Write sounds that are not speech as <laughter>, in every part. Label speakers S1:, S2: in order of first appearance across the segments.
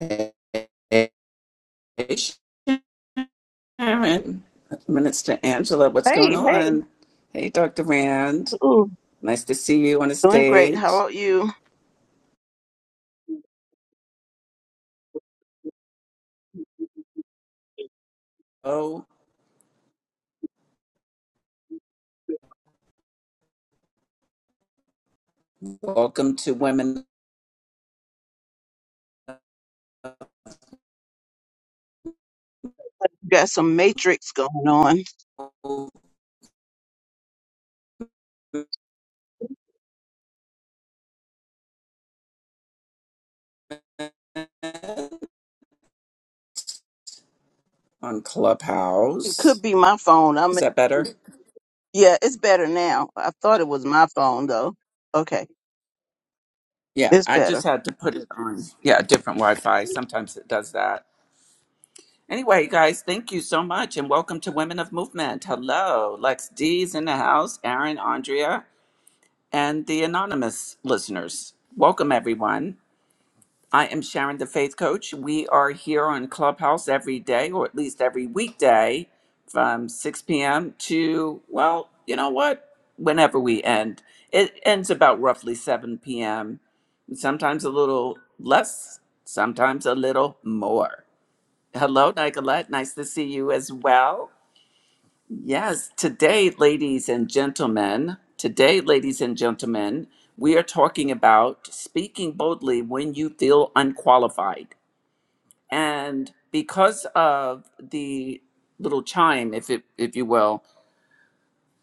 S1: Hey, Sharon. Minister Angela, what's
S2: Hey,
S1: going
S2: hey.
S1: on? Hey, Dr. Rand.
S2: Ooh,
S1: Nice to see you on the
S2: doing great. How
S1: stage.
S2: about you?
S1: Oh, welcome to Women
S2: Got some matrix going on.
S1: Movement on
S2: It could
S1: Clubhouse.
S2: be my phone. I'm
S1: Is that better?
S2: yeah, it's better now. I thought it was my phone though. Okay,
S1: Yeah,
S2: it's
S1: I
S2: better.
S1: just had to put it on. Yeah, different Wi Fi. Sometimes it does that. Anyway, guys, thank you so much and welcome to Women of Movement. Hello, Lex D's in the house, Aaron, Andrea. and the anonymous listeners. Welcome, everyone. I am Sharon, the Faith Coach. We are here on Clubhouse every day, or at least every weekday from 6 p.m. to, well, you know what? Whenever we end, it ends about roughly 7 p.m., sometimes a little less, sometimes a little more. Hello, Nicolette. Nice to see you as well. Yes, today, ladies and gentlemen, today, ladies and gentlemen, we are talking about speaking boldly when you feel unqualified. And because of the little chime, if it, if you will,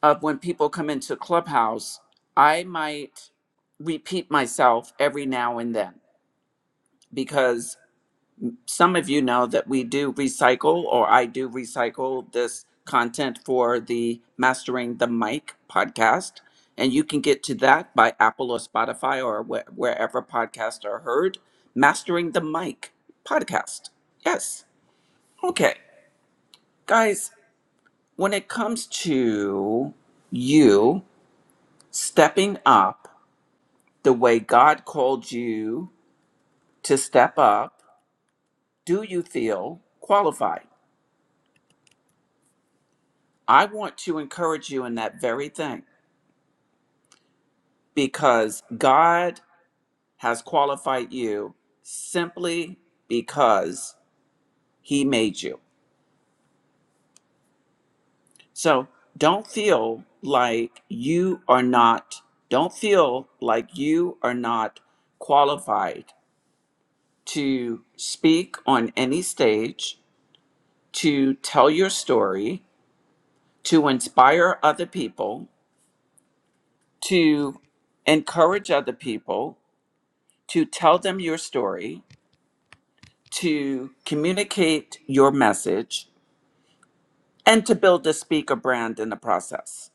S1: of when people come into Clubhouse, I might repeat myself every now and then because some of you know that we do recycle, or I do recycle this content for the Mastering the Mic podcast. And you can get to that by Apple or Spotify or wh- wherever podcasts are heard. Mastering the Mic podcast. Yes. Okay. Guys, when it comes to you stepping up the way God called you to step up, do you feel qualified? I want to encourage you in that very thing because God has qualified you simply because He made you. So don't feel like you are not, don't feel like you are not qualified to speak on any stage, to tell your story, to inspire other people, to encourage other people, to tell them your story to communicate your message and to build a speaker brand in the process.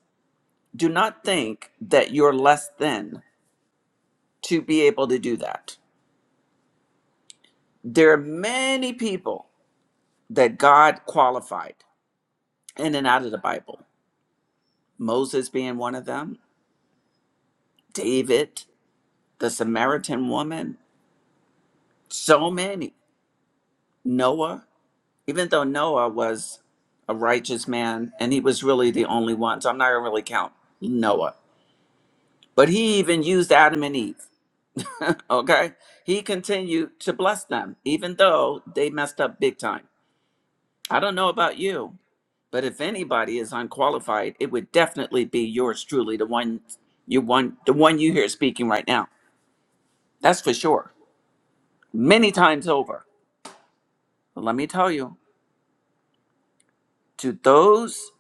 S1: Do not think that you're less than to be able to do that. There are many people that God qualified in and out of the Bible, Moses being one of them, David, the Samaritan woman, so many, Noah, even though Noah was a righteous man and he was really the only one, so I'm not gonna really count Noah But he even used Adam and Eve. <laughs> okay? He continued to bless them, even though they messed up big time. I don't know about you, but if anybody is unqualified, it would definitely be yours truly, the one you one the one you hear speaking right now. That's for sure. Many times over. But let me tell you, to those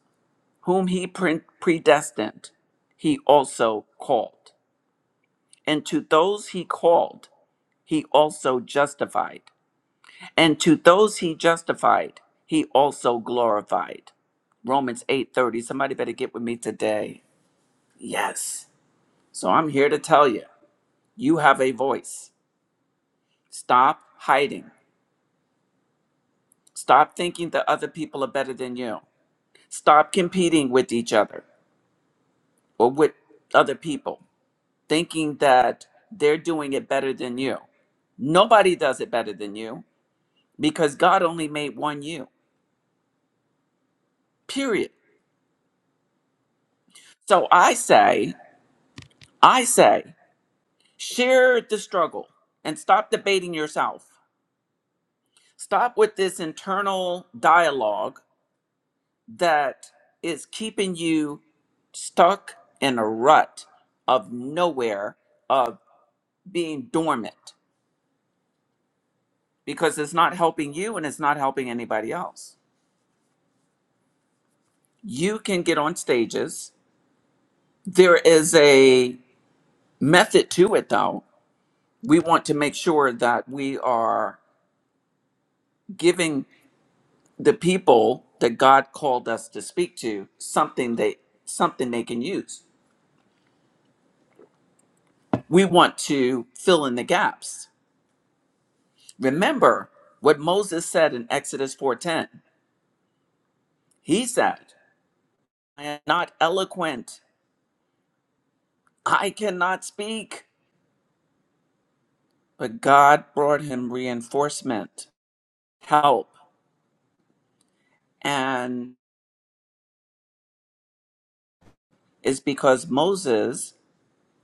S1: whom he pre- predestined, he also called. And to those he called, he also justified. and to those he justified he also glorified romans 8.30 somebody better get with me today yes so i'm here to tell you you have a voice stop hiding stop thinking that other people are better than you stop competing with each other or with other people thinking that they're doing it better than you nobody does it better than you because god only made one you period so i say i say Share the struggle and stop debating yourself. Stop with this internal dialogue that is keeping you stuck in a rut of nowhere, of being dormant, because it's not helping you and it's not helping anybody else. You can get on stages. There is a method to it, though. We want to make sure that we are giving the people that God called us to speak to something they something they can use. We want to fill in the gaps. Remember what Moses said in Exodus 4:10. He said, "I am not eloquent. I cannot speak." But God brought him reinforcement, help, and it's because Moses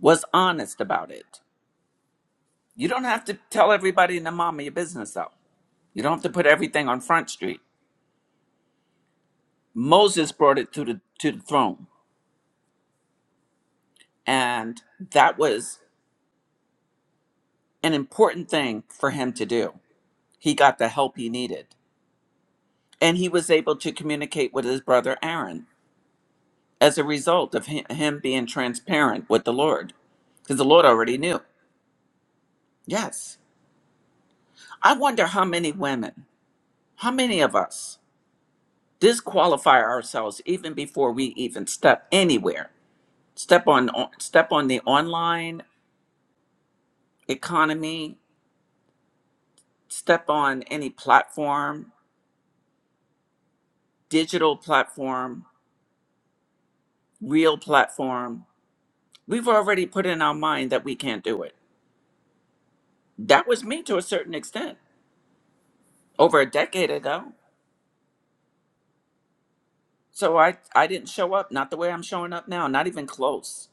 S1: was honest about it. You don't have to tell everybody in the mom of your business though. You don't have to put everything on Front Street. Moses brought it to the to the throne, and that was an important thing for him to do. He got the help he needed, and he was able to communicate with his brother Aaron as a result of him, him being transparent with the Lord, because the Lord already knew. Yes, I wonder how many women, how many of us disqualify ourselves even before we even step anywhere, step on on- step on the online economy step on any platform, digital platform, real platform, we've already put in our mind that we can't do it. That was me to a certain extent over a decade ago. So I, I didn't show up, not the way I'm showing up now, not even close.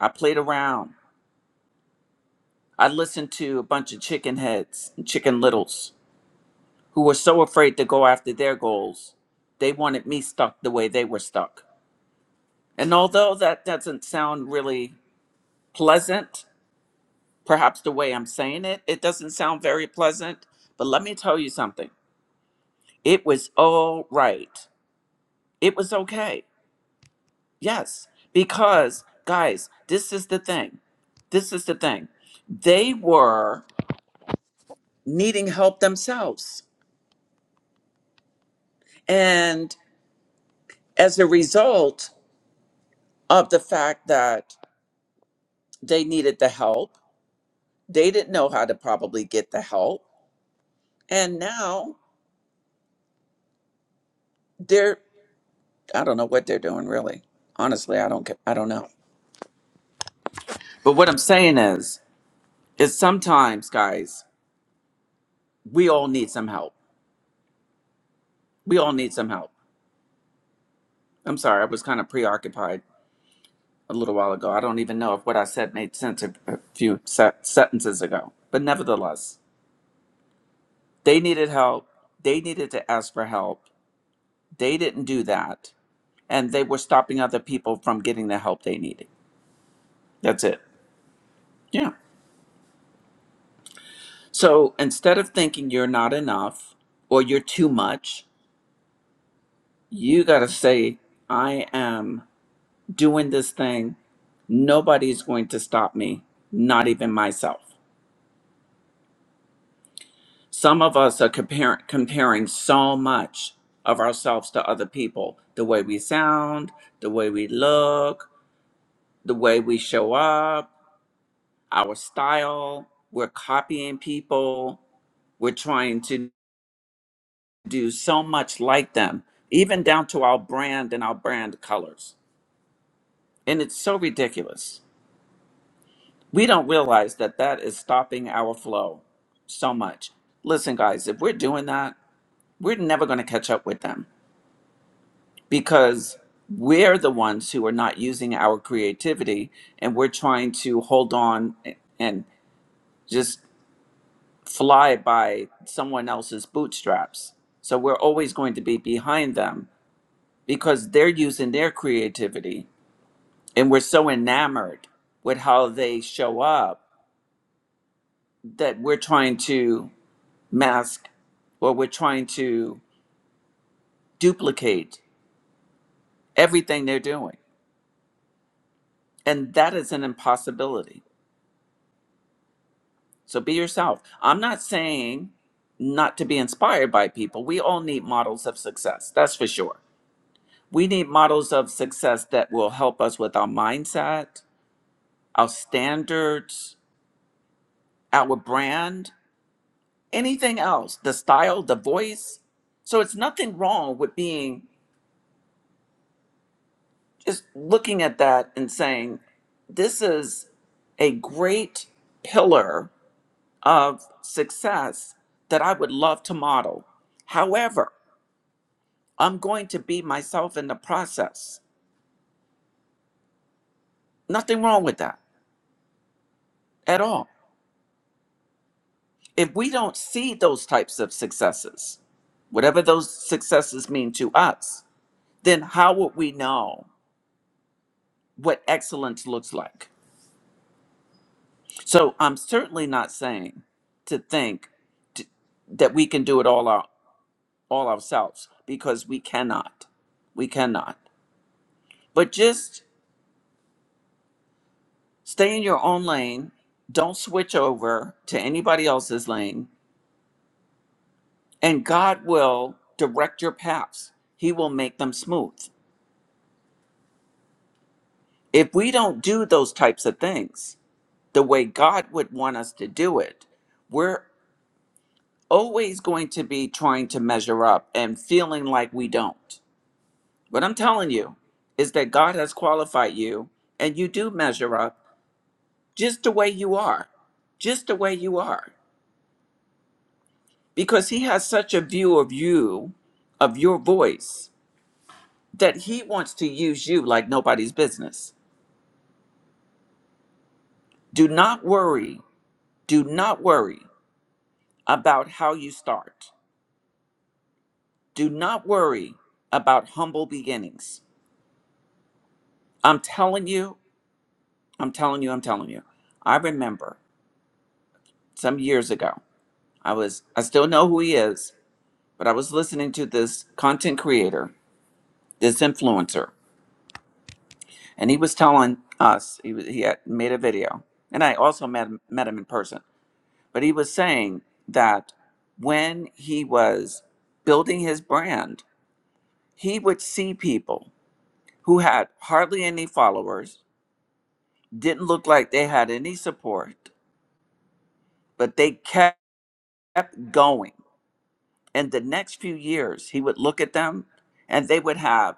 S1: I played around. I listened to a bunch of chicken heads and chicken littles who were so afraid to go after their goals. They wanted me stuck the way they were stuck. And although that doesn't sound really pleasant, Perhaps the way I'm saying it, it doesn't sound very pleasant, but let me tell you something. It was all right. It was okay. Yes, because guys, this is the thing. This is the thing. They were needing help themselves. And as a result of the fact that they needed the help, they didn't know how to probably get the help. And now they're, I don't know what they're doing really. Honestly, I don't get, I don't know. But what I'm saying is, is sometimes, guys, we all need some help. We all need some help. I'm sorry, I was kind of preoccupied a little while ago. I don't even know if what I said made sense a, a few se- sentences ago. But nevertheless, they needed help. They needed to ask for help. They didn't do that. And they were stopping other people from getting the help they needed. That's it. Yeah. So instead of thinking you're not enough or you're too much, you got to say, I am doing this thing. Nobody's going to stop me, not even myself. Some of us are comparing comparing so much of ourselves to other people, the way we sound, the way we look, the way we show up, our style. We're copying people. We're trying to do so much like them, even down to our brand and our brand colors. And it's so ridiculous. We don't realize that that is stopping our flow so much. Listen, guys, if we're doing that, we're never going to catch up with them because we're the ones who are not using our creativity and we're trying to hold on and just fly by someone else's bootstraps. So we're always going to be behind them because they're using their creativity and we're so enamored with how they show up that we're trying to mask or we're trying to duplicate everything they're doing. And that is an impossibility. So be yourself. I'm not saying not to be inspired by people. We all need models of success, that's for sure. We need models of success that will help us with our mindset, our standards, our brand, anything else, the style, the voice. So it's nothing wrong with being just looking at that and saying, this is a great pillar of success that I would love to model. However, I'm going to be myself in the process. Nothing wrong with that at all. If we don't see those types of successes, whatever those successes mean to us, then how would we know what excellence looks like? So I'm certainly not saying to think t- that we can do it all our all ourselves because we cannot. We cannot. But just stay in your own lane. Don't switch over to anybody else's lane, and God will direct your paths. He will make them smooth. If we don't do those types of things the way God would want us to do it, we're always going to be trying to measure up and feeling like we don't. What I'm telling you is that God has qualified you and you do measure up just the way you are, just the way you are, because He has such a view of you, of your voice, that He wants to use you like nobody's business. Do not worry, do not worry about how you start. Do not worry about humble beginnings. I'm telling you, I'm telling you, I'm telling you. I remember some years ago, I was, I still know who he is, but I was listening to this content creator, this influencer, and he was telling us he was, he had made a video, and I also met him, met him in person. But he was saying that when he was building his brand, he would see people who had hardly any followers, didn't look like they had any support, but they kept going. And the next few years, he would look at them, and they would have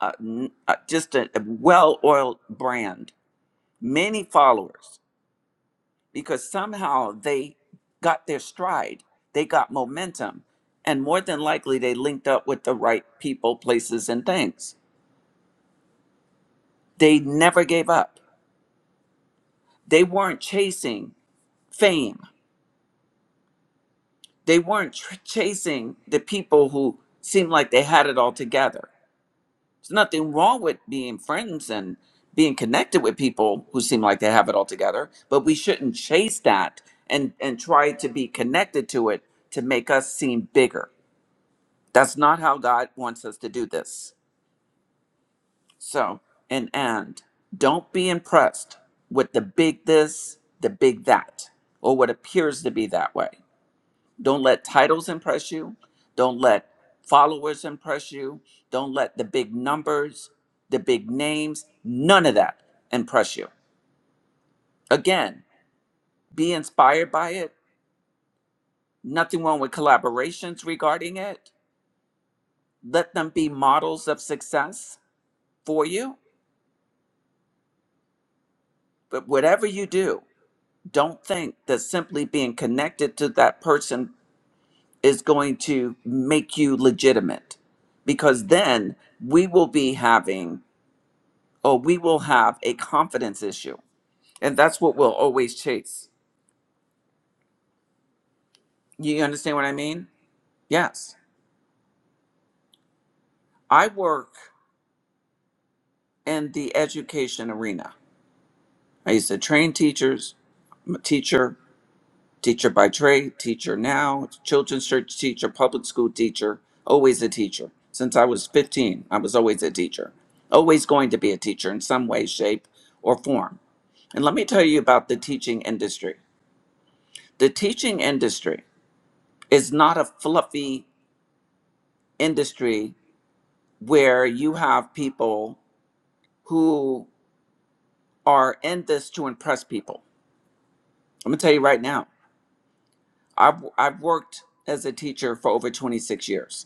S1: uh, n- uh, just a well-oiled brand, many followers because somehow they got their stride, they got momentum, and more than likely they linked up with the right people, places, and things. They never gave up. They weren't chasing fame, they weren't tr- chasing the people who seemed like they had it all together. There's nothing wrong with being friends and being connected with people who seem like they have it all together, but we shouldn't chase that and, and try to be connected to it to make us seem bigger That's not how God wants us to do this. So, and and don't be impressed with the big this, the big that, or what appears to be that way. Don't let titles impress you. Don't let followers impress you. Don't let the big numbers, the big names, none of that impress you. Again, be inspired by it. Nothing wrong with collaborations regarding it. Let them be models of success for you. But whatever you do, don't think that simply being connected to that person is going to make you legitimate because then we will be having or we will have a confidence issue and that's what we'll always chase you understand what i mean yes i work in the education arena i used to train teachers i'm a teacher Teacher by trade, teacher now, children's church teacher, public school teacher, always a teacher. Since I was 15, I was always a teacher, always going to be a teacher in some way, shape, or form. And let me tell you about the teaching industry. The teaching industry is not a fluffy industry where you have people who are in this to impress people. I'm gonna tell you right now, I've, I've worked as a teacher for over 26 years.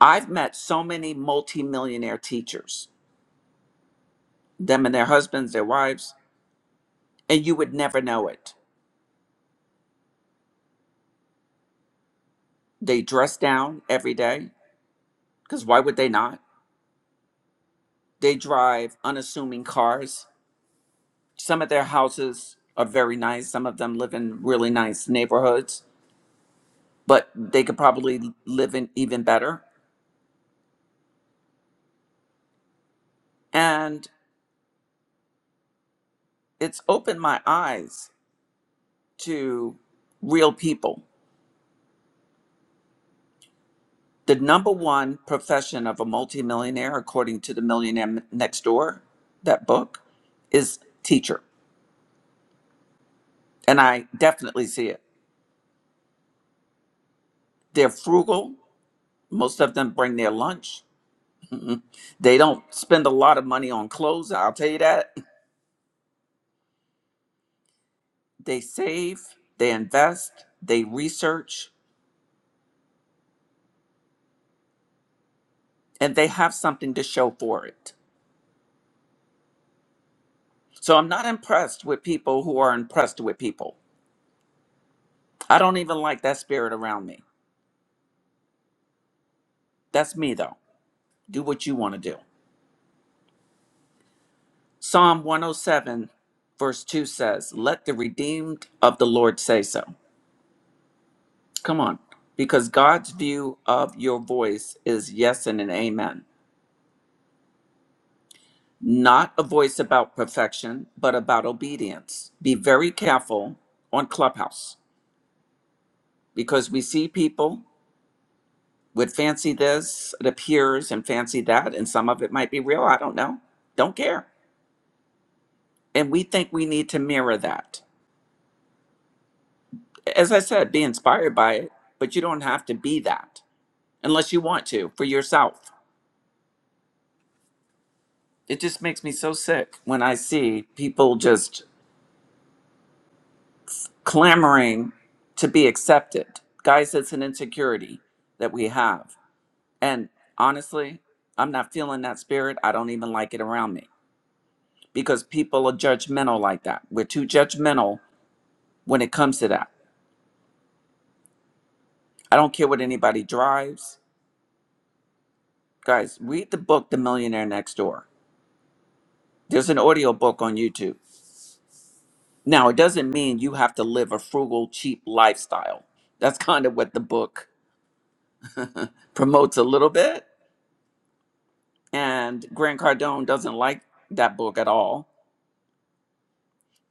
S1: I've met so many multimillionaire teachers, them and their husbands, their wives, and you would never know it. They dress down every day, because why would they not? They drive unassuming cars. Some of their houses are very nice. Some of them live in really nice neighborhoods, but they could probably live in even better. And it's opened my eyes to real people The number one profession of a multimillionaire, according to the Millionaire Next Door, that book, is teacher. And I definitely see it. They're frugal. Most of them bring their lunch. <laughs> they don't spend a lot of money on clothes, I'll tell you that. They save, they invest, they research, and they have something to show for it. So I'm not impressed with people who are impressed with people. I don't even like that spirit around me. That's me, though. Do what you want to do. Psalm 107, verse 2 says, Let the redeemed of the Lord say so. Come on. Because God's view of your voice is yes and an amen. Not a voice about perfection, but about obedience. Be very careful on Clubhouse because we see people with fancy this, it appears, and fancy that, and some of it might be real. I don't know. Don't care. And we think we need to mirror that. As I said, be inspired by it, but you don't have to be that unless you want to for yourself. It just makes me so sick when I see people just clamoring to be accepted. Guys, it's an insecurity that we have. And honestly, I'm not feeling that spirit. I don't even like it around me because people are judgmental like that. We're too judgmental when it comes to that. I don't care what anybody drives. Guys, read the book The Millionaire Next Door. There's an audio book on YouTube Now, it doesn't mean you have to live a frugal, cheap lifestyle. That's kind of what the book promotes a little bit. And Grant Cardone doesn't like that book at all.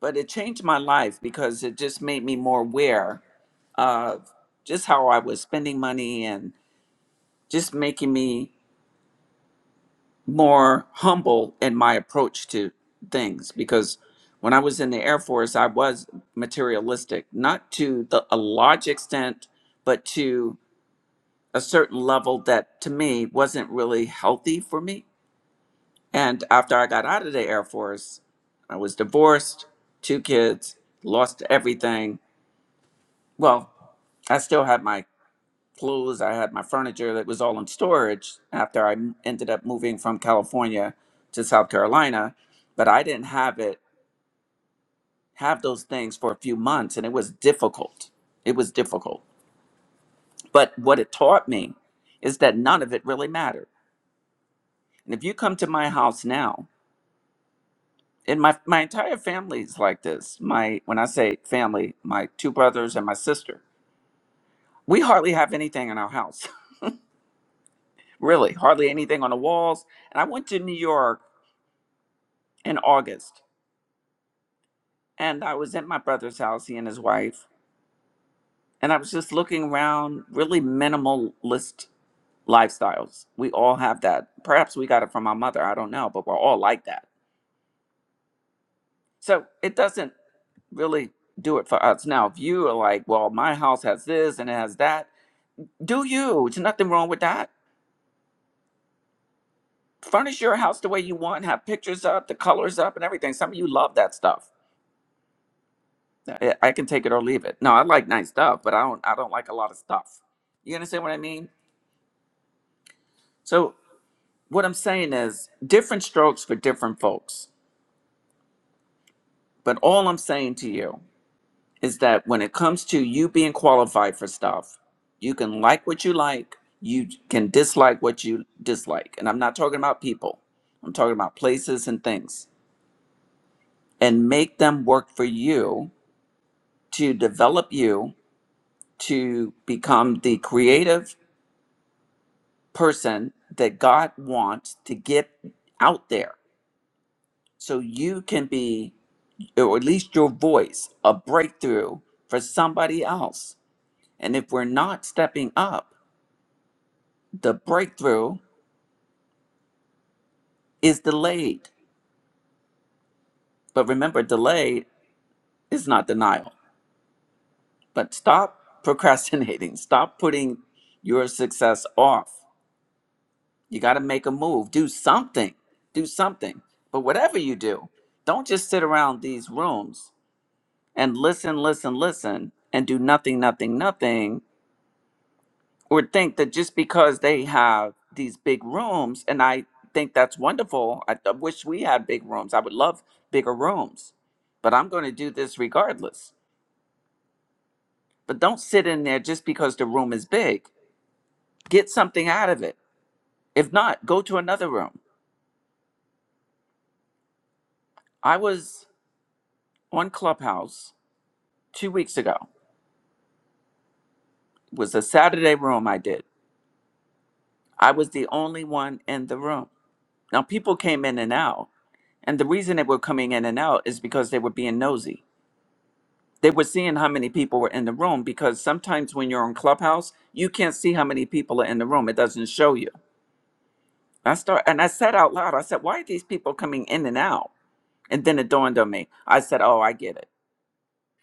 S1: But it changed my life because it just made me more aware of just how I was spending money and just making me more humble in my approach to things. Because when I was in the Air Force, I was materialistic, not to the, a large extent, but to a certain level that to me wasn't really healthy for me. And after I got out of the Air Force, I was divorced, two kids, lost everything. Well, I still had my clothes, I had my furniture that was all in storage after I m- ended up moving from California to South Carolina, but I didn't have it have those things for a few months and it was difficult. It was difficult. But what it taught me is that none of it really mattered. And if you come to my house now and my my entire family's like this. My when I say family, my two brothers and my sister. We hardly have anything in our house. <laughs> Really, hardly anything on the walls. And I went to New York in August and I was at my brother's house, he and his wife, and I was just looking around, really minimalist lifestyles. We all have that. Perhaps we got it from our mother, I don't know, but we're all like that. So it doesn't really do it for us. Now, if you are like, well, my house has this and it has that, Do you? There's nothing wrong with that. Furnish your house the way you want, have pictures up, the colors up, and everything. Some of you love that stuff. I I can take it or leave it. No, I like nice stuff, but I don't. I don't like a lot of stuff. You understand what I mean? So what I'm saying is different strokes for different folks. But all I'm saying to you is that when it comes to you being qualified for stuff, you can like what you like. You can dislike what you dislike. And I'm not talking about people. I'm talking about places and things. and make them work for you to develop you to become the creative person that God wants to get out there so you can be, or at least your voice, a breakthrough for somebody else. And if we're not stepping up, the breakthrough is delayed. But remember, delay is not denial. But stop procrastinating, <laughs> stop putting your success off You got to make a move, do something, do something. But whatever you do, don't just sit around these rooms and listen, listen, listen, and do nothing, nothing, nothing, or think that just because they have these big rooms, and I think that's wonderful. I, I wish we had big rooms. I would love bigger rooms, but I'm going to do this regardless. But don't sit in there just because the room is big. Get something out of it. If not, go to another room. I was on Clubhouse two weeks ago It was a saturday room i did i was the only one in the room now people came in and out and the reason they were coming in and out is because they were being nosy they were seeing how many people were in the room because sometimes when you're on clubhouse you can't see how many people are in the room it doesn't show you i start and i said out loud i said why are these people coming in and out and then it dawned on me i said oh i get it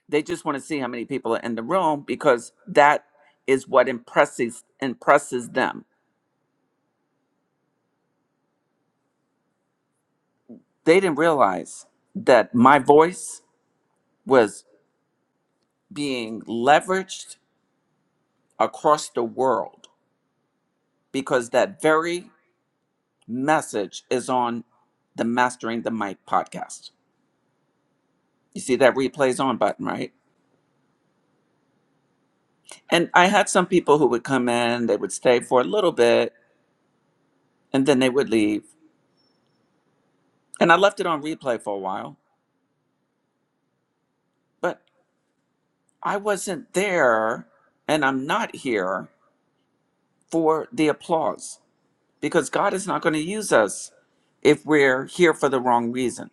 S1: they just want to see how many people are in the room because that is what impresses impresses them They didn't realize that my voice was being leveraged across the world because that very message is on the Mastering the Mic podcast. You see that replays on button, right? And I had some people who would come in, they would stay for a little bit, and then they would leave. And I left it on replay for a while, but I wasn't there and I'm not here for the applause. because God is not going to use us if we're here for the wrong reason.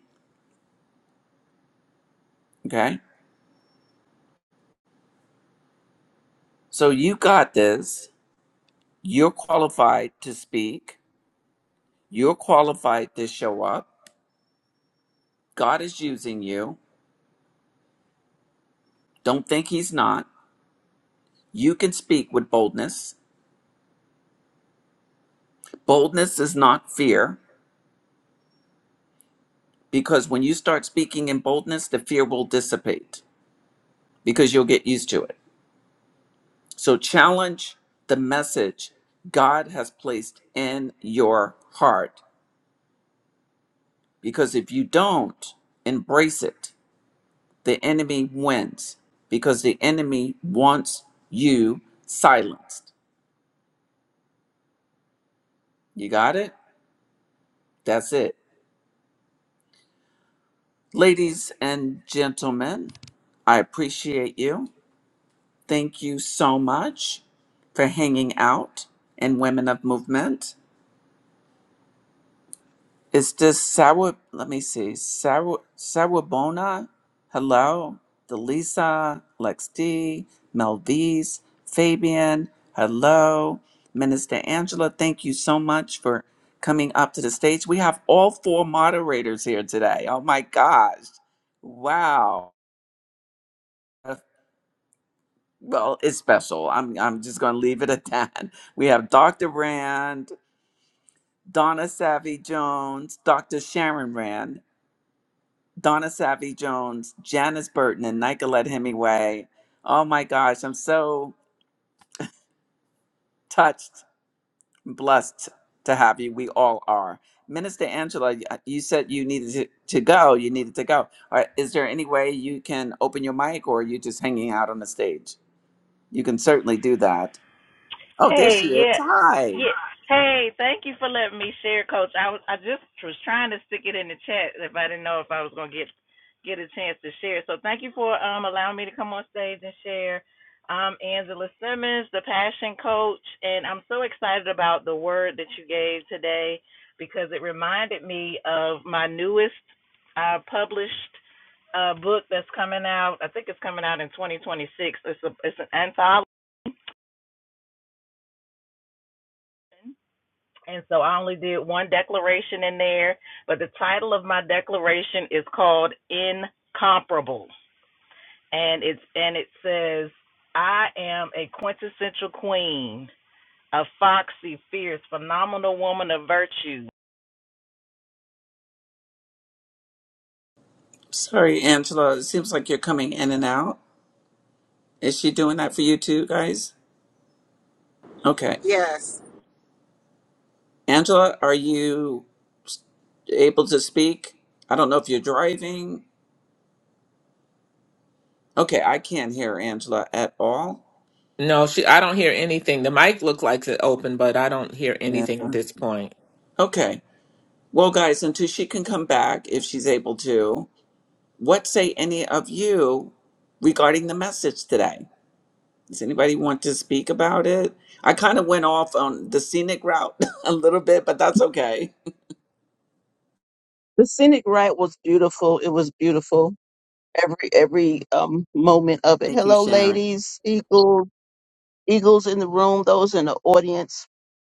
S1: Okay? So you got this. You're qualified to speak. You're qualified to show up. God is using you. Don't think He's not. You can speak with boldness. Boldness is not fear because when you start speaking in boldness, the fear will dissipate because you'll get used to it. So challenge the message God has placed in your heart Because if you don't embrace it, the enemy wins because the enemy wants you silenced. You got it? That's it. Ladies and gentlemen, I appreciate you. Thank you so much for hanging out in Women of Movement. Is this Sour, let me see, Sour, Sawabona, hello, Delisa, Lex D, Melvise, Fabian, hello, Minister Angela, thank you so much for coming up to the stage. We have all four moderators here today. Oh my gosh. Wow. Uh, Well, it's special. I'm, I'm just going to leave it at that. <laughs> We have Dr. Rand, Donna Savvy Jones, Dr. Sharon Rand, Donna Savvy Jones, Janice Burton, and Nicolette Hemingway. Oh my gosh, I'm so touched, blessed to have you. We all are. Minister Angela, y- uh, you said you needed to, to go. You needed to go. All right, is there any way you can open your mic or are you just hanging out on the stage? You can certainly do that. Oh, there she
S3: Hey,
S1: is.
S3: yes,
S1: Hi.
S3: yes. Hey, thank you for letting me share, Coach. I was, I just was trying to stick it in the chat if I didn't know if I was gonna get get a chance to share. So thank you for um allowing me to come on stage and share. I'm Angela Simmons, the Passion Coach, and I'm so excited about the word that you gave today because it reminded me of my newest uh, published uh, book that's coming out. I think it's coming out in 2026. It's a it's an anthology And so I only did one declaration in there, but the title of my declaration is called Incomparable. And it's and it says, I am a quintessential queen, a foxy, fierce, phenomenal woman of virtue.
S1: Sorry, Angela. It seems like you're coming in and out. Is she doing that for you too, guys? Okay.
S4: Yes.
S1: Angela, are you? able to speak? I don't know if you're driving. Okay, I can't hear Angela at all.
S5: No, she. I don't hear anything. The mic looks like it's open, but I don't hear
S1: Yeah.
S5: anything at this point.
S1: Okay. Well, guys, until she can come back, if she's able to, what say any of you regarding the message today? Does anybody want to speak about it? I kind of went off on the scenic route <laughs> a little bit, but that's okay.
S2: The scenic ride was beautiful. It was beautiful. Every every um moment of it.
S1: Thank you,
S2: Hello,
S1: Sharon.
S2: ladies, eagles, eagles in the room, those in the audience.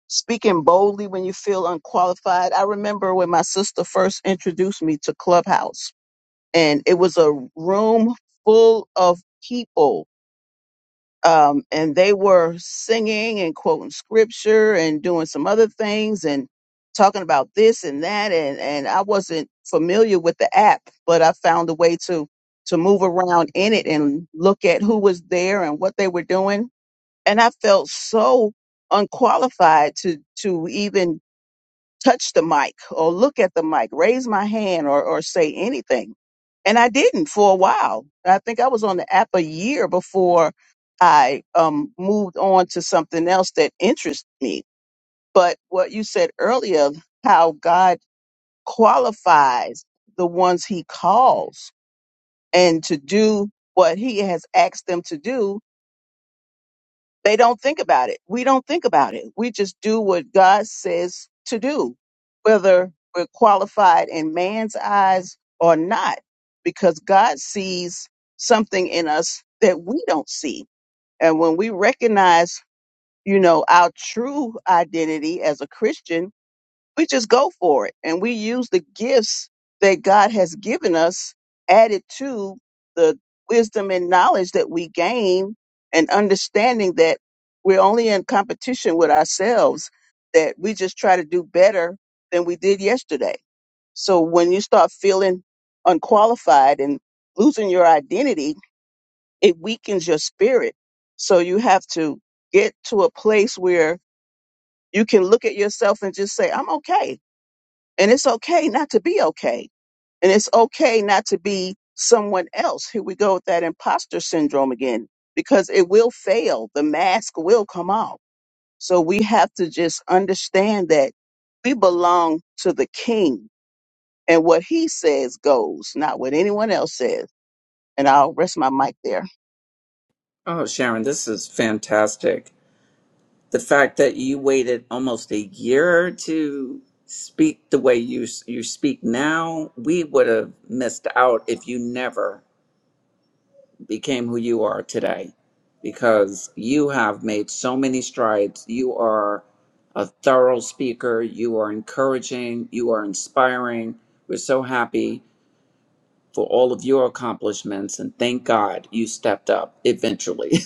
S2: Speaking boldly when you feel unqualified. I remember when my sister first introduced me to Clubhouse and it was a room full of people. Um, and they were singing and quoting scripture and doing some other things and talking about this and that. And, and I wasn't familiar with the app, but I found a way to, to move around in it and look at who was there and what they were doing. And I felt so unqualified to, to even touch the mic or look at the mic, raise my hand or, or say anything. And I didn't for a while. I think I was on the app a year before I um, moved on to something else that interests me. But what you said earlier, how God qualifies the ones he calls and to do what he has asked them to do they don't think about it. We don't think about it. We just do what God says to do, whether we're qualified in man's eyes or not, because God sees something in us that we don't see. And when we recognize, you know, our true identity as a Christian, we just go for it and we use the gifts that God has given us added to the wisdom and knowledge that we gain and understanding that we're only in competition with ourselves that we just try to do better than we did yesterday. So when you start feeling unqualified and losing your identity, it weakens your spirit. So you have to get to a place where you can look at yourself and just say, I'm okay. And it's okay not to be okay. And it's okay not to be someone else. Here we go with that imposter syndrome again, because it will fail. The mask will come off. So we have to just understand that we belong to the king and what he says goes, not what anyone else says. And I'll rest my mic there.
S1: Oh, Sharon, this is fantastic. the fact that you waited almost a year to speak the way you you speak now, we would have missed out if you never became who you are today because you have made so many strides. You are a thorough speaker, you are encouraging, you are inspiring. We're so happy for all of your accomplishments and thank God you stepped up eventually.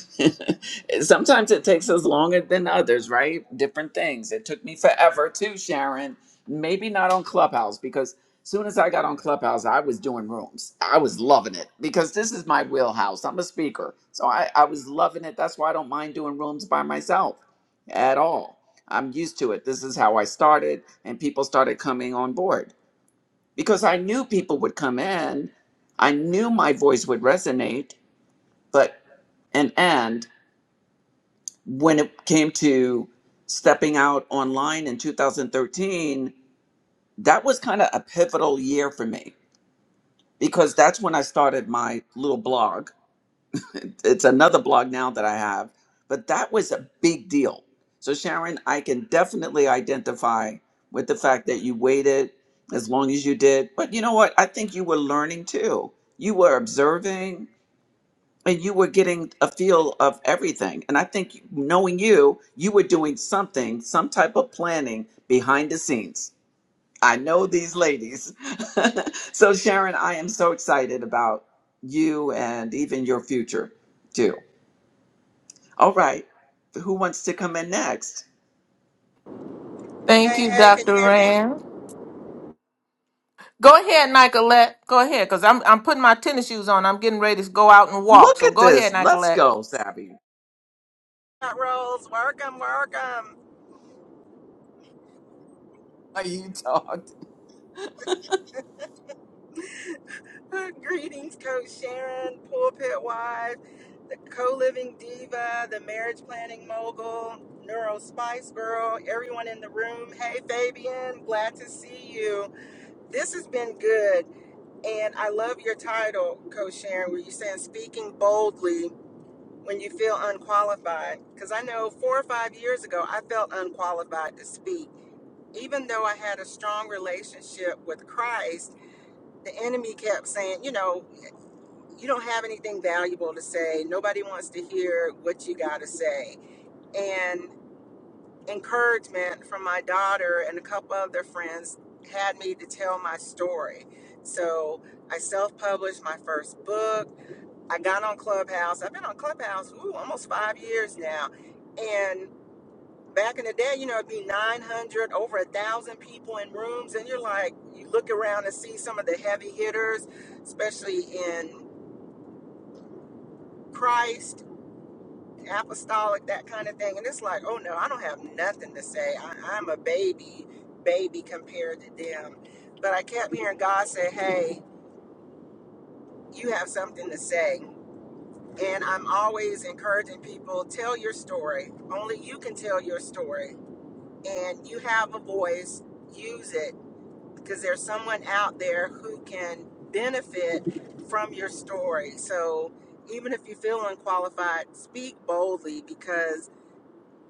S1: <laughs> Sometimes it takes us longer than others, right? Different things. It took me forever too, Sharon. Maybe not on Clubhouse because soon as I got on Clubhouse, I was doing rooms. I was loving it because this is my wheelhouse. I'm a speaker. So I, I was loving it. That's why I don't mind doing rooms by myself at all. I'm used to it. This is how I started, and people started coming on board because I knew people would come in. I knew my voice would resonate, but and and when it came to stepping out online in 2013, that was kind of a pivotal year for me because that's when I started my little blog it's another blog now that I have, but that was a big deal. So Sharon, I can definitely identify with the fact that you waited as long as you did. But you know what? I think you were learning too. You were observing and you were getting a feel of everything. And I think knowing you, you were doing something, some type of planning behind the scenes. I know these ladies. <laughs> so Sharon, I am so excited about you and even your future too. All right. Who wants to come in next?
S5: Thank
S4: Hey,
S5: you,
S4: hey, can you
S5: Dr.
S4: hear me?
S5: Rand. Go ahead, Nicolette. Go ahead, because I'm, I'm putting my tennis shoes on. I'm getting ready to go out and walk.
S1: Look
S5: So
S1: at
S5: go ahead,
S1: this. Let's
S5: Nicolette.
S1: go, Savvy.
S4: Hot rolls, welcome, welcome.
S1: You talked
S4: <laughs> Greetings, Coach Sharon, pulpit wife, the co-living diva, the marriage planning mogul, neuro spice girl, everyone in the room. Hey, Fabian, glad to see you. This has been good, and I love your title, Coach Sharon, where you said speaking boldly when you feel unqualified. Because I know four or five years ago, I felt unqualified to speak even though I had a strong relationship with Christ, the enemy kept saying, you know, you don't have anything valuable to say. Nobody wants to hear what you got to say. And encouragement from my daughter and a couple other friends had me to tell my story. So I self published my first book. I got on Clubhouse. I've been on Clubhouse, ooh, almost five years now. and back in the day, you know, it'd be 900, over a thousand people in rooms, and you're like, you look around and see some of the heavy hitters, especially in Christ, apostolic, that kind of thing, and it's like, oh no, I don't have nothing to say. I, I'm a baby, baby compared to them. But I kept hearing God say, hey, you have something to say. And I'm always encouraging people, tell your story. Only you can tell your story. And you have a voice, use it because there's someone out there who can benefit from your story. So even if you feel unqualified, speak boldly because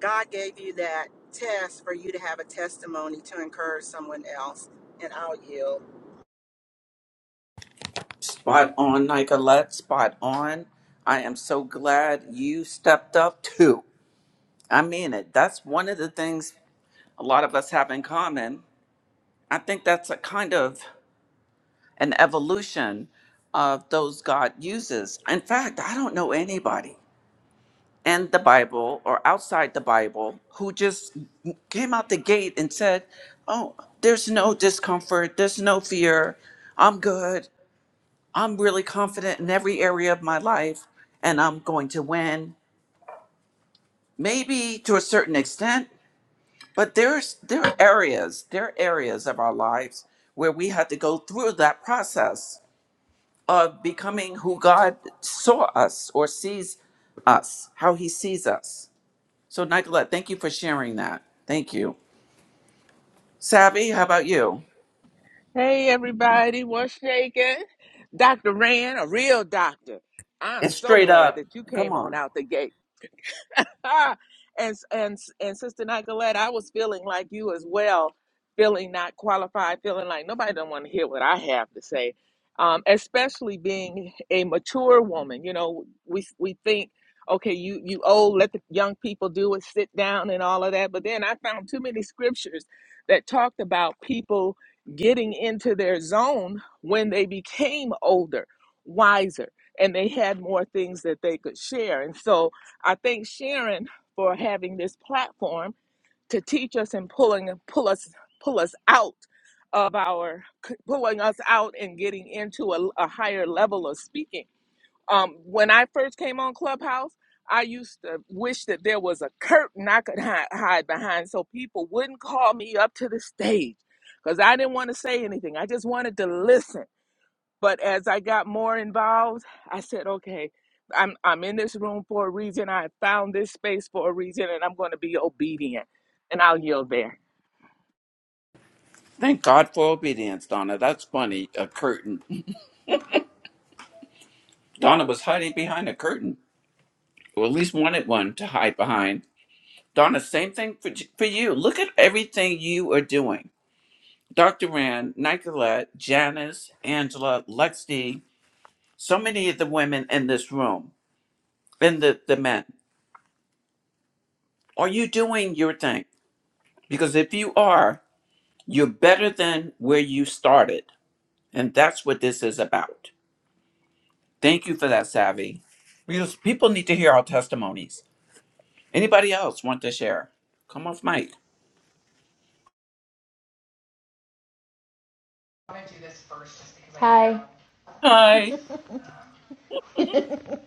S4: God gave you that test for you to have a testimony to encourage someone else. And I'll yield.
S1: spot on, Nicolette. Spot on. I am so glad you stepped up too. I mean it. That's one of the things a lot of us have in common. I think that's a kind of an evolution of those God uses. In fact, I don't know anybody. in the Bible or outside the Bible who just came out the gate and said, Oh, there's no discomfort, there's no fear, I'm good, I'm really confident in every area of my life, and I'm going to win. Maybe to a certain extent, but there's there are areas, there are areas of our lives where we had to go through that process of becoming who God saw us or sees us, how he sees us So, Nicolette, thank you for sharing that. Thank you. Savvy, how about you?
S5: Hey everybody, what's shaking? Dr. Rand, a real doctor. I'm
S1: It's
S5: so
S1: straight
S5: glad
S1: up.
S5: that you
S1: Come
S5: came on
S1: on.
S5: out the gate. <laughs> and and and Sister Nicolette, I was feeling like you as well, feeling not qualified, feeling like nobody don't want to hear what I have to say. Um, especially being a mature woman, you know, we we think, okay, you you old, let the young people do it, sit down and all of that. But then I found too many scriptures that talked about people getting into their zone when they became older, wiser, and they had more things that they could share. And so I thank Sharon for having this platform to teach us and pulling pull us pull us out of our pulling us out and getting into a, a higher level of speaking. Um, when I first came on Clubhouse, I used to wish that there was a curtain I could hide, hide behind so people wouldn't call me up to the stage because I didn't want to say anything. I just wanted to listen. But as I got more involved, I said, okay, I'm I'm in this room for a reason. I found this space for a reason and I'm going to be obedient. And I'll yield there.
S1: Thank God for obedience, Donna. That's funny. A curtain. Donna was hiding behind a curtain, or at least wanted one to hide behind. Donna, same thing for, for you. Look at everything you are doing. Dr. Rand, Nicolette, Janice, Angela, Lexi, so many of the women in this room, and the, the men. Are you doing your thing? Because if you are, You're better than where you started. And that's what this is about. Thank you for that, Savvy. Because people need to hear our testimonies. Anybody else want to share? Come off mic.
S6: Hi.
S1: Hi.
S6: I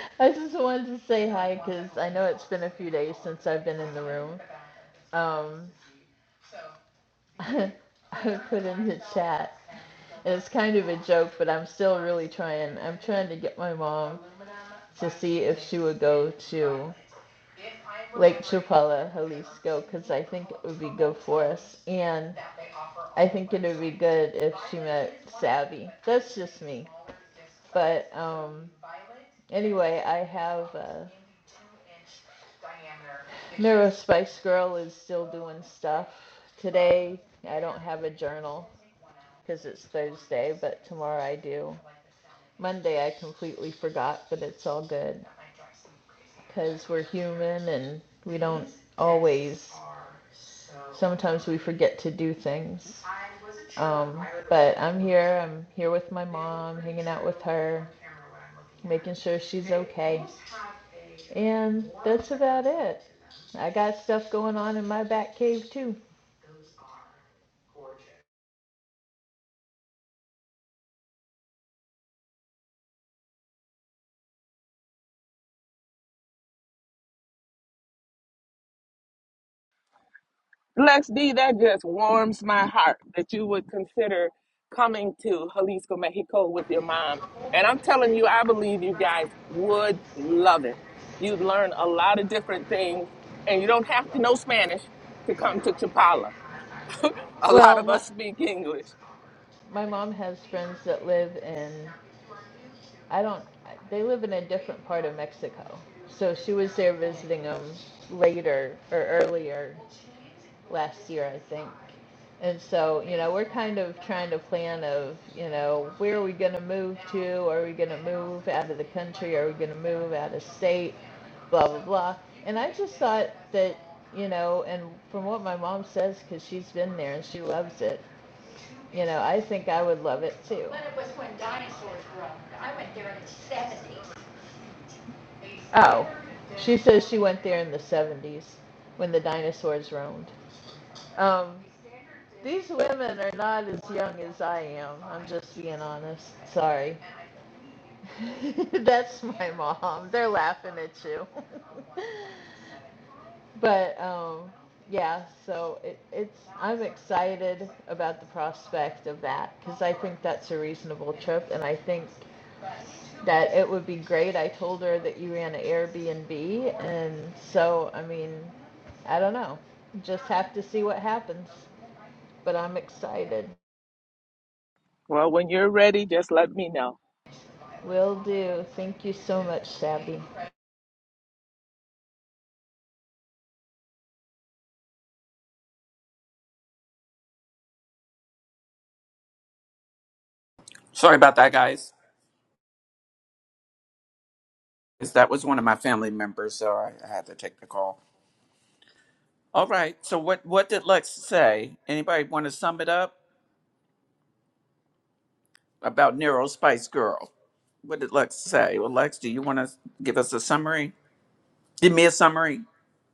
S6: <laughs> I just wanted to say hi because I know it's been a few days since I've been in the room. Um, <laughs> I put in the chat, and it's kind of a joke, but I'm still really trying. I'm trying to get my mom to see if she would go to Lake Chapala, Jalisco, because I think it would be good for us. And I think it would be good if she met Savvy. That's just me. But um, Anyway, I have uh, Mirror Spice Girl is still doing stuff. Today, I don't have a journal because it's Thursday, but tomorrow I do. Monday I completely forgot, but it's all good. Because we're human and we don't always, sometimes we forget to do things. Um, but I'm here. I'm here with my mom, hanging out with her, making sure she's okay. And that's about it. I got stuff going on in my back cave too.
S5: Lex D, that just warms my heart that you would consider coming to Jalisco, Mexico with your mom. And I'm telling you, I believe you guys would love it. You'd learn a lot of different things, and you don't have to know Spanish to come to Chapala. <laughs> A lot
S6: Well,
S5: of
S6: my,
S5: us speak English.
S6: my mom has friends that live in I don't, they live in a different part of Mexico. So she was there visiting them later or earlier last year, I think. And so, you know, we're kind of trying to plan of, you know, where are we going to move to? Are we going to move out of the country? Are we going to move out of state? Blah, blah, blah. And I just thought that, you know, and from what my mom says, because she's been there and she loves it, you know, I think I would love it too. But it was when dinosaurs were, I went there in the 70s. Oh, she says she went there in the 70s when the dinosaurs roamed. Um, these women are not as young as I am. I'm just being honest. Sorry. <laughs> That's my mom. They're laughing at you. <laughs> but um, yeah, so it, it's I'm excited about the prospect of that because I think that's a reasonable trip, and I think that it would be great. I told her that you ran an Airbnb, and so I mean, I don't know. Just have to see what happens. But I'm excited.
S5: Well, when you're ready, just let me know.
S6: Will do. Thank you so much, Sabby.
S1: Sorry about that, guys. 'Cause That was one of my family members, so I, I had to take the call. All right. So what, what did Lex say? Anybody want to sum it up about Nero Spice Girl? What did Lex say? Well, Lex, do you want to give us a summary? Give me a summary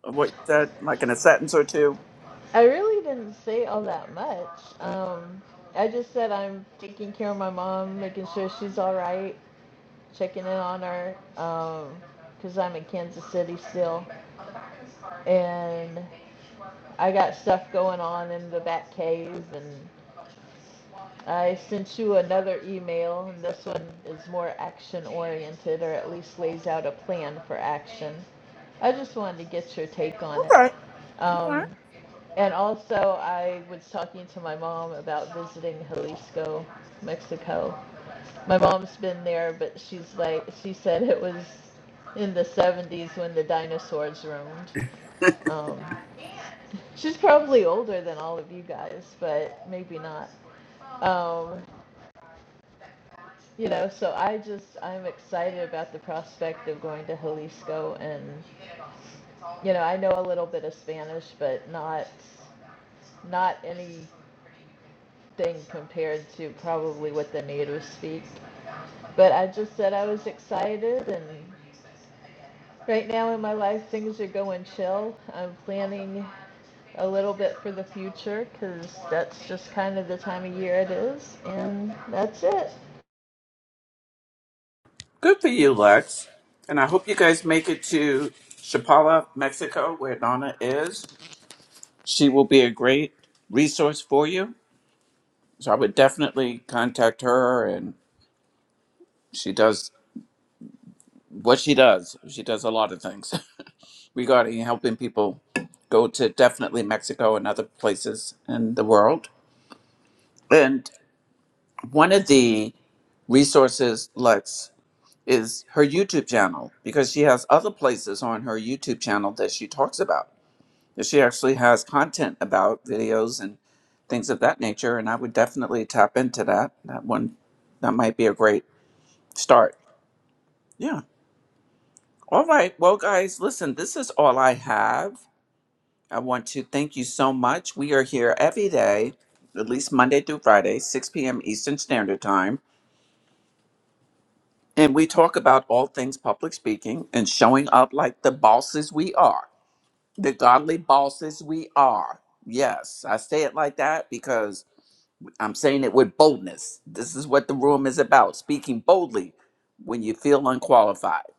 S1: of what you said, like in a sentence or two.
S6: I really didn't say all that much. Um, I just said I'm taking care of my mom, making sure she's all right, checking in on her, um, because I'm in Kansas City still, and I got stuff going on in the back cave and I sent you another email, and this one is more action oriented, or at least lays out a plan for action. I just wanted to get your take on it.
S1: Okay. All right.
S6: Um, and also, I was talking to my mom about visiting Jalisco, Mexico. My mom's been there, but she's like, she said it was in the 70s when the dinosaurs roamed. Um, she's probably older than all of you guys, but maybe not. Um, you know, so I just I'm excited about the prospect of going to Jalisco and you know, I know a little bit of Spanish but not not anything compared to probably what the natives speak. But I just said I was excited and right now in my life things are going chill. I'm planning a little bit for the future cuz that's just kind of the time of year it is and that's it.
S1: Good for you, Lex. And I hope you guys make it to Chapala, Mexico, where Donna is. She will be a great resource for you. So I would definitely contact her, and she does what she does. She does a lot of things <laughs> regarding helping people go to definitely Mexico and other places in the world. And one of the resources, Lex, is her YouTube channel because she has other places on her YouTube channel that she talks about. that she actually has content about videos and things of that nature and i would definitely tap into that that one that might be a great start yeah all right well guys listen this is all i have i want to thank you so much we are here every day at least monday through friday 6 p.m eastern standard time and we talk about all things public speaking and showing up like the bosses we are the godly bosses we are yes i say it like that because I'm saying it with boldness. This is what the room is about speaking boldly when you feel unqualified,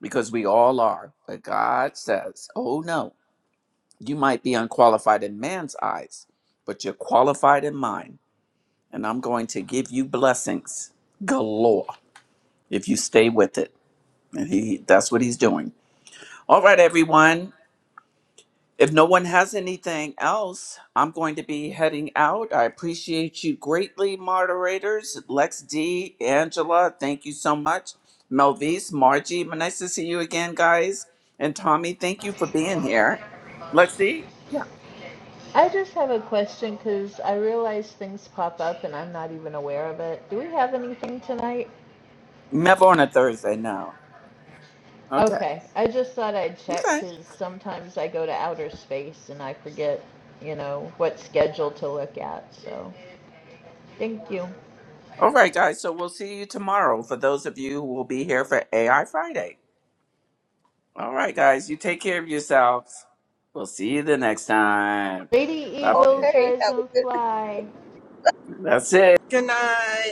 S1: because we all are. But God says, oh no, you might be unqualified in man's eyes, but you're qualified in mine. And I'm going to give you blessings galore if you stay with it. And he, that's what he's doing. All right, everyone. If no one has anything else, I'm going to be heading out. I appreciate you greatly, moderators. Lex D, Angela, thank you so much. Melvise, Margie, nice to see you again, guys. And Tommy, thank you for being here. Lex D? Yeah.
S6: I just have a question because I realize things pop up and I'm not even aware of it. Do we have anything tonight?
S1: Never on a Thursday now. Okay.
S6: Okay, I just thought I'd check
S1: Okay.
S6: because sometimes I go to outer space and I forget, you know, what schedule to look at. So, thank you.
S1: All right, guys. So we'll see you tomorrow for those of you who will be here for AI Friday. All right, guys. You take care of yourselves. We'll see you the next time.
S6: Lady
S1: Bye bye.
S6: Eagles,
S2: Okay.
S6: rise
S2: Have a
S6: and
S2: good.
S6: fly.
S1: That's it.
S4: Good night.